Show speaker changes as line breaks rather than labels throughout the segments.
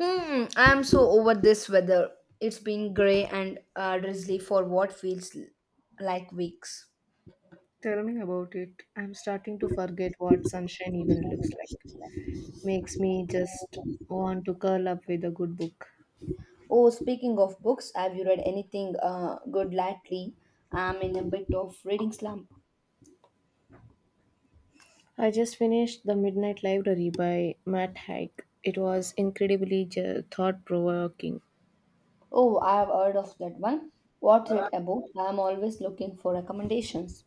Hmm, I'm so over this weather. It's been grey and drizzly for what like weeks.
Tell me about it. I'm starting to forget what sunshine even looks like. Makes me just want to curl up with a good book.
Oh, speaking of books, have you read anything good lately? I'm in a bit of reading slump.
I just finished The Midnight Library by Matt Haig. It was incredibly thought provoking.
Oh, I've heard of that one. What's it about? I'm always looking for recommendations.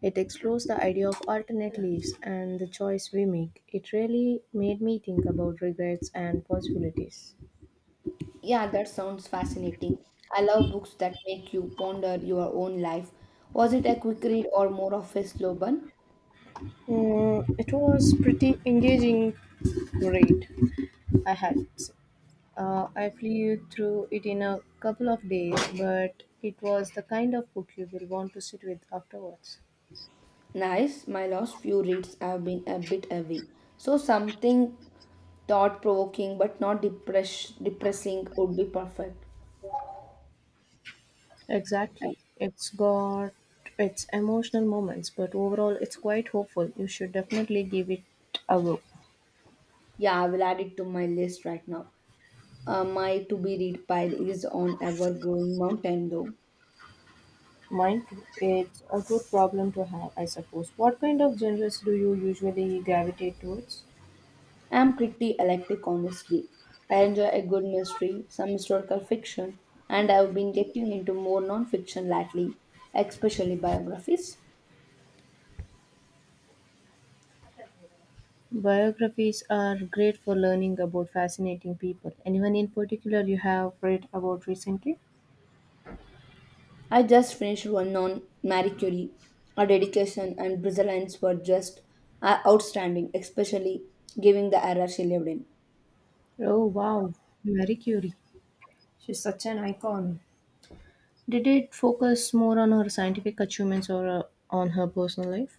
It explores the idea of alternate lives and the choice we make. It really made me think about regrets and possibilities.
Yeah, that sounds fascinating. I love books that make you ponder your own life. Was it a quick read or more of a slow burn?
Mm, it was pretty engaging read I had. To say. I flew through it in a couple of days, but it was the kind of book you will want to sit with afterwards.
Nice, my last few reads have been a bit heavy. So something thought provoking but not depressing would be perfect.
Exactly. It's got its emotional moments, but overall, it's quite hopeful. You should definitely give it a go.
Yeah, I will add it to my list right now. My to be read pile is on ever growing mountain though.
Mind you, it's a good problem to have, I suppose. What kind of genres do you usually gravitate towards?
I am pretty eclectic honestly. I enjoy a good mystery, some historical fiction, and I've been getting into more non fiction lately, especially biographies.
Biographies are great for learning about fascinating people. Anyone in particular you have read about recently?
I just finished one on Marie Curie. Her dedication and brilliance were just outstanding, especially given the era she lived in.
Oh wow, Marie Curie. She's such an icon. Did it focus more on her scientific achievements or on her personal life?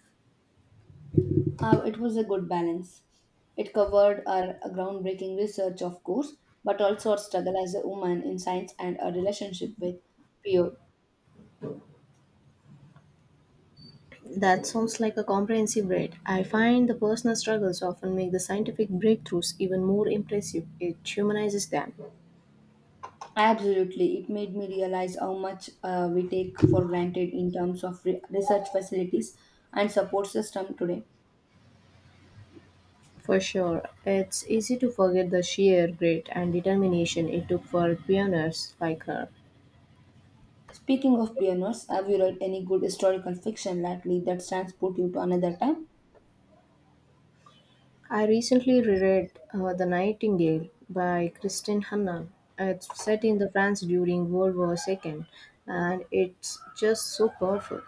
It was a good balance. It covered her groundbreaking research, of course, but also her struggle as a woman in science and her relationship with peer.
That sounds like a comprehensive read. I find the personal struggles often make the scientific breakthroughs even more impressive. It humanizes them.
Absolutely, it made me realize how much we take for granted in terms of research facilities and support system today.
For sure, it's easy to forget the sheer grit and determination it took for pioneers like her.
Speaking of pioneers, have you read any good historical fiction lately that transport you to another time?
I recently reread The Nightingale by Kristin Hanna. It's set in the France during World War II, and it's just so powerful.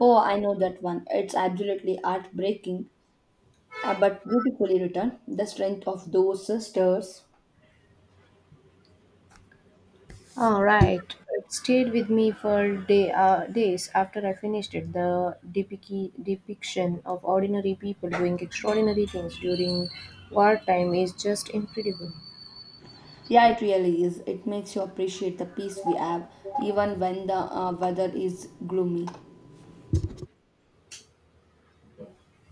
Oh, I know that one. It's absolutely heartbreaking, but beautifully written. The strength of those sisters.
All right, it stayed with me for days after I finished it. The depiction of ordinary people doing extraordinary things during wartime is just incredible.
Yeah, it really is. It makes you appreciate the peace we have, even when the weather is gloomy.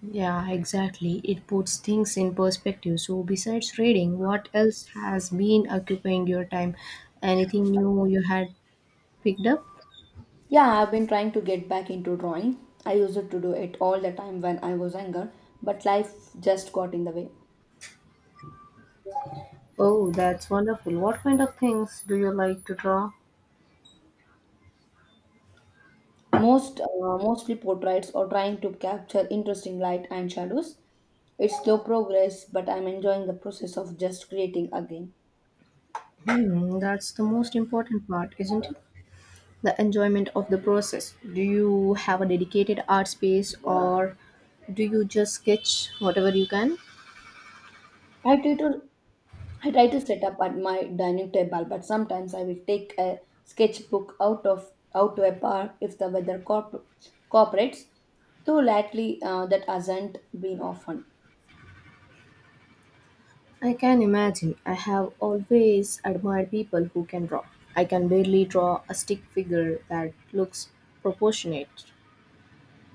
Yeah, exactly. It puts things in perspective. So, besides reading, what else has been occupying your time? Anything new you had picked up?
Yeah, I've been trying to get back into drawing. I used to do it all the time when I was younger, but life just got in the way.
Oh, that's wonderful. What kind of things do you like to draw?
Mostly portraits or trying to capture interesting light and shadows. It's slow progress, but I'm enjoying the process of just creating again.
Hmm, that's the most important part, isn't it? The enjoyment of the process. Do you have a dedicated art space or do you just sketch whatever you can?
I try to I try to set up at my dining table, but sometimes I will take a sketchbook out to a park if the weather cooperates. Though lately, that hasn't been often.
I can imagine. I have always admired people who can draw. I can barely draw a stick figure that looks proportionate.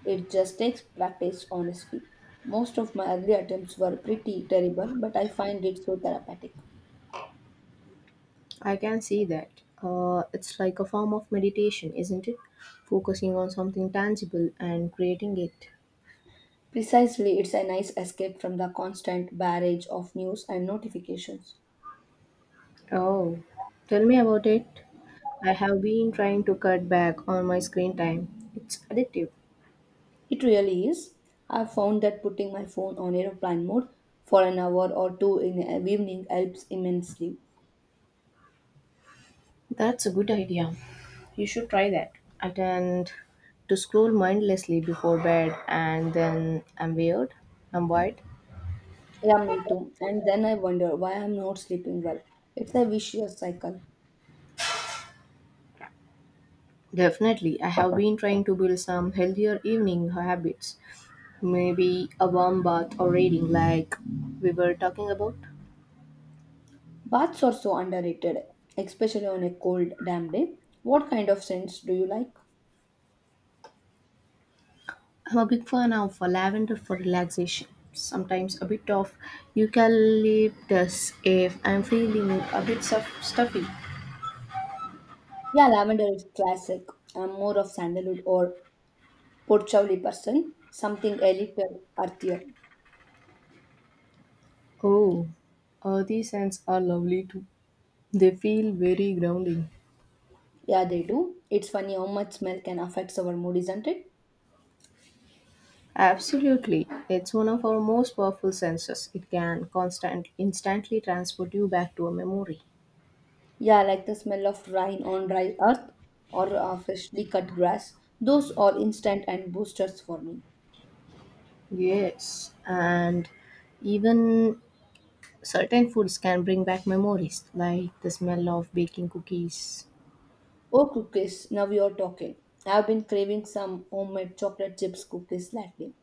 It just takes practice, honestly. Most of my early attempts were pretty terrible, but I find it so therapeutic.
I can see that. It's like a form of meditation, isn't it? Focusing on something tangible and creating it.
Precisely, it's a nice escape from the constant barrage of news and notifications.
Oh, tell me about it. I have been trying to cut back on my screen time. It's addictive.
It really is. I've found that putting my phone on aeroplane mode for an hour or two in the evening helps immensely.
That's a good idea. You should try that. I tend to scroll mindlessly before bed and then I'm weird. I'm wide.
Yeah, me too. And then I wonder why I'm not sleeping well. It's a vicious cycle.
Definitely, I have been trying to build some healthier evening habits. Maybe a warm bath or reading, like we were talking about.
Baths are so underrated, especially on a cold, damp day. What kind of scents do you like?
I'm a big fan of lavender for relaxation. Sometimes a bit of eucalyptus if I'm feeling a bit stuffy.
Yeah, lavender is classic. I'm more of sandalwood or patchouli person, something a little earthier.
Oh, these scents are lovely too. They feel very grounding.
Yeah, they do. It's funny how much smell can affect our mood, isn't it?
Absolutely. It's one of our most powerful senses. It can constant instantly transport you back to a memory.
Yeah, like the smell of rain on dry earth or freshly cut grass. Those are instant and boosters for me.
Yes, and even certain foods can bring back memories, like the smell of baking cookies.
Oh, cookies, now you're talking. I've been craving some homemade chocolate chips cookies lately.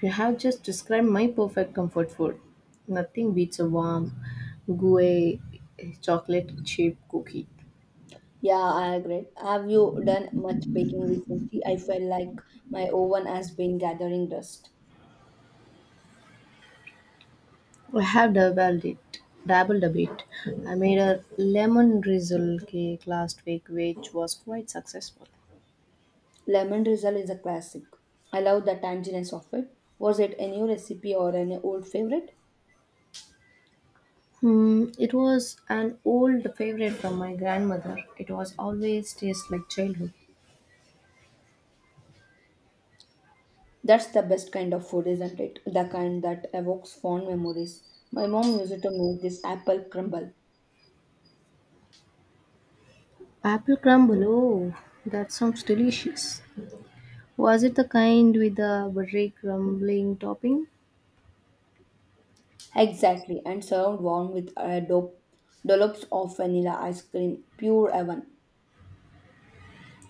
You have just described my perfect comfort food. Nothing beats a warm, gooey chocolate chip cookie.
Yeah, I agree. Have you done much baking recently? I felt like my oven has been gathering dust.
I have dabbled it, dabbled a bit. I made a lemon drizzle cake last week, which was quite successful.
Lemon drizzle is a classic. I love the tanginess of it. Was it a new recipe or an old favorite?
Hmm, it was an old favorite from my grandmother. It was always tastes like childhood.
That's the best kind of food, isn't it? The kind that evokes fond memories. My mom used to make this apple crumble.
Apple crumble, oh, that sounds delicious. Was it the kind with the buttery crumbling topping?
Exactly, and served warm with a dollops of vanilla ice cream, pure heaven.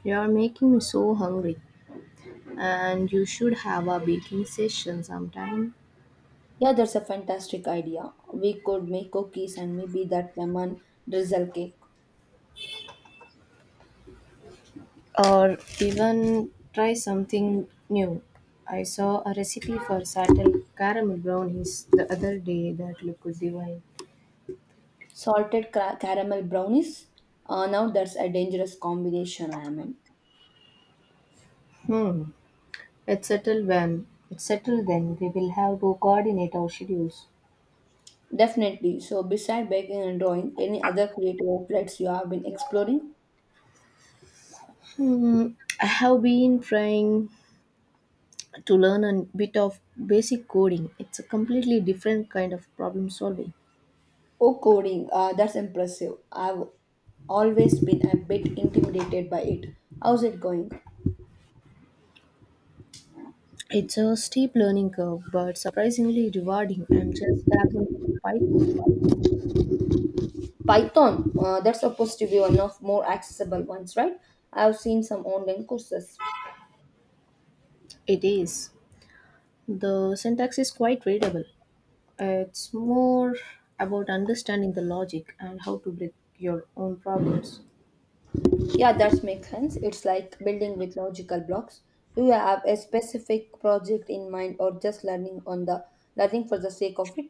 You are making me so hungry, and you should have a baking session sometime.
Yeah, that's a fantastic idea. We could make cookies and maybe that lemon drizzle cake.
Or even try something new. I saw a recipe for subtle caramel brownies the other day that looked divine.
Salted caramel brownies? Now that's a dangerous combination, I am in.
Hmm, it's settled then we will have to coordinate our schedules.
Definitely. So, beside baking and drawing, any other creative outlets you have been exploring?
Hmm, I have been trying to learn a bit of basic coding. It's a completely different kind of problem solving.
Oh, coding. That's impressive. I've always been a bit intimidated by it. How's it going?
It's a steep learning curve, but surprisingly rewarding. I'm just dabbling with Python for
Python. That's supposed to be one of more accessible ones, right? I've seen some online courses.
it is. The syntax is quite readable. It's more about understanding the logic and how to break your own problems.
Yeah, that makes sense. It's like building with logical blocks. Do you have a specific project in mind or just learning for the sake of it?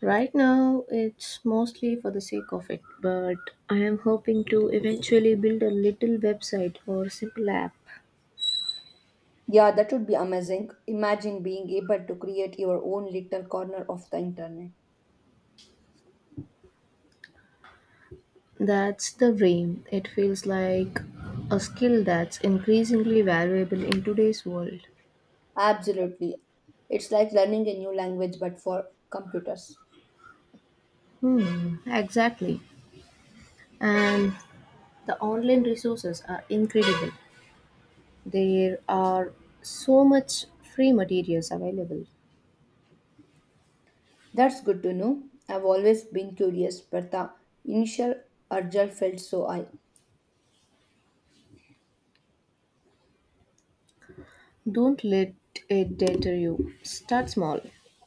Right now, it's mostly for the sake of it, but I am hoping to eventually build a little website or simple app.
Yeah, that would be amazing. Imagine being able to create your own little corner of the internet.
That's the dream. It feels like a skill that's increasingly valuable in today's world.
Absolutely. It's like learning a new language but for computers.
Hmm, exactly. And the online resources are incredible. There are so much free materials available.
That's good to know. I've always been curious, but the initial urge felt so high.
Don't let it deter you. Start small.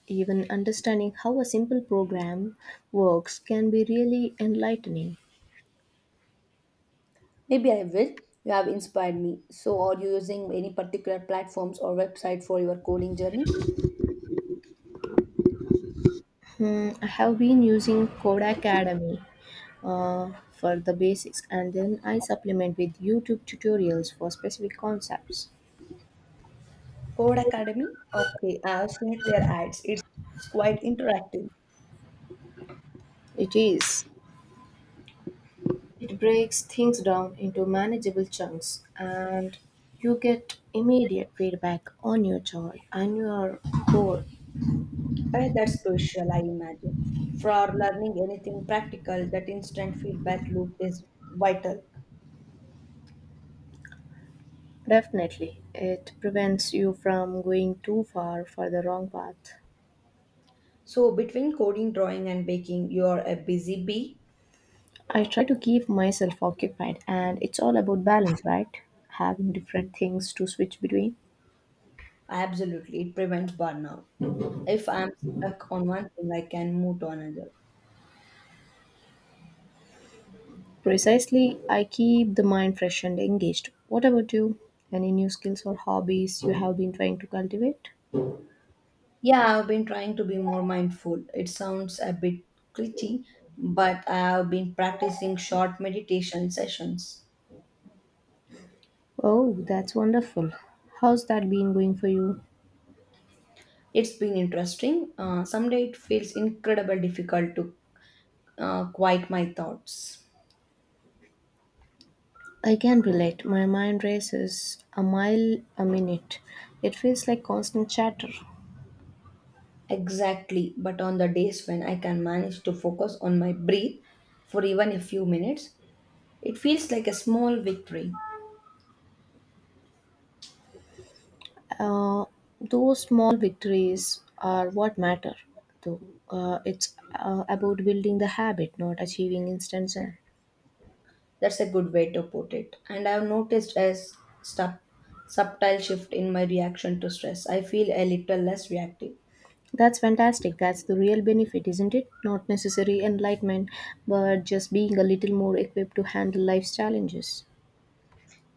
Even understanding how a simple program works can be really enlightening.
Maybe I will. You have inspired me. So, are you using any particular platforms or website for your coding journey?
Hmm, I have been using Code Academy for the basics, and then I supplement with YouTube tutorials for specific concepts.
Code Academy? Okay, I have seen their ads. It's quite interactive.
It is. It breaks things down into manageable chunks, and you get immediate feedback on your joy and your goal.
That's crucial, I imagine. For learning anything practical, that instant feedback loop is vital.
Definitely, it prevents you from going too far for the wrong path.
So, between coding, drawing, and baking, you are a busy bee.
I try to keep myself occupied, and it's all about balance, right? Having different things to switch between.
Absolutely, it prevents burnout. If I'm stuck on one thing, I can move to another.
Precisely, I keep the mind fresh and engaged. What about you? Any new skills or hobbies you have been trying to cultivate?
Yeah, I've been trying to be more mindful. It sounds a bit cliche, but I've been practicing short meditation sessions.
Oh, that's wonderful. How's that been going for you?
It's been interesting. Someday it feels incredibly difficult to quiet my thoughts.
I can relate. My mind races a mile a minute. It feels like constant chatter.
Exactly, but on the days when I can manage to focus on my breath for even a few minutes, it feels like a small victory.
Uh, those small victories are what matter, though. It's about building the habit, not achieving instant zen.
That's a good way to put it. And I've noticed a sub- subtle shift in my reaction to stress. I feel a little less reactive.
That's fantastic. That's the real benefit, isn't it? Not necessary enlightenment, but just being a little more equipped to handle life's challenges.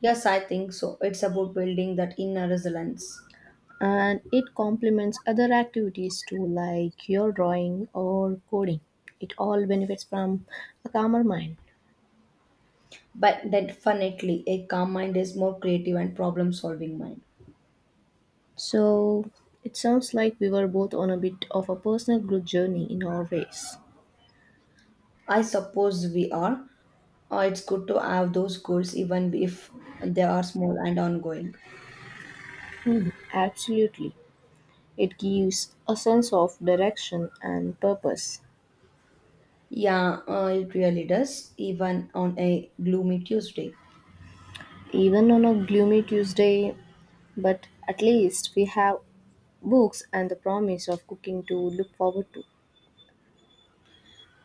Yes, I think so. It's about building that inner resilience.
And it complements other activities too, like your drawing or coding. It all benefits from a calmer mind.
But definitely, a calm mind is more creative and problem solving mind.
So it sounds like we were both on a bit of a personal growth journey in our ways.
I suppose we are. It's good to have those goals, even if they are small and ongoing.
Absolutely, it gives a sense of direction and purpose.
Yeah, it really does, even on a gloomy Tuesday.
Even on a gloomy Tuesday, but at least we have books and the promise of cooking to look forward to.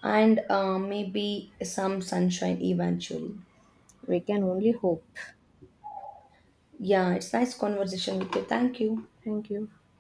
And maybe some sunshine eventually.
We can only hope.
Yeah, it's nice conversation with you. Thank you.
Thank you.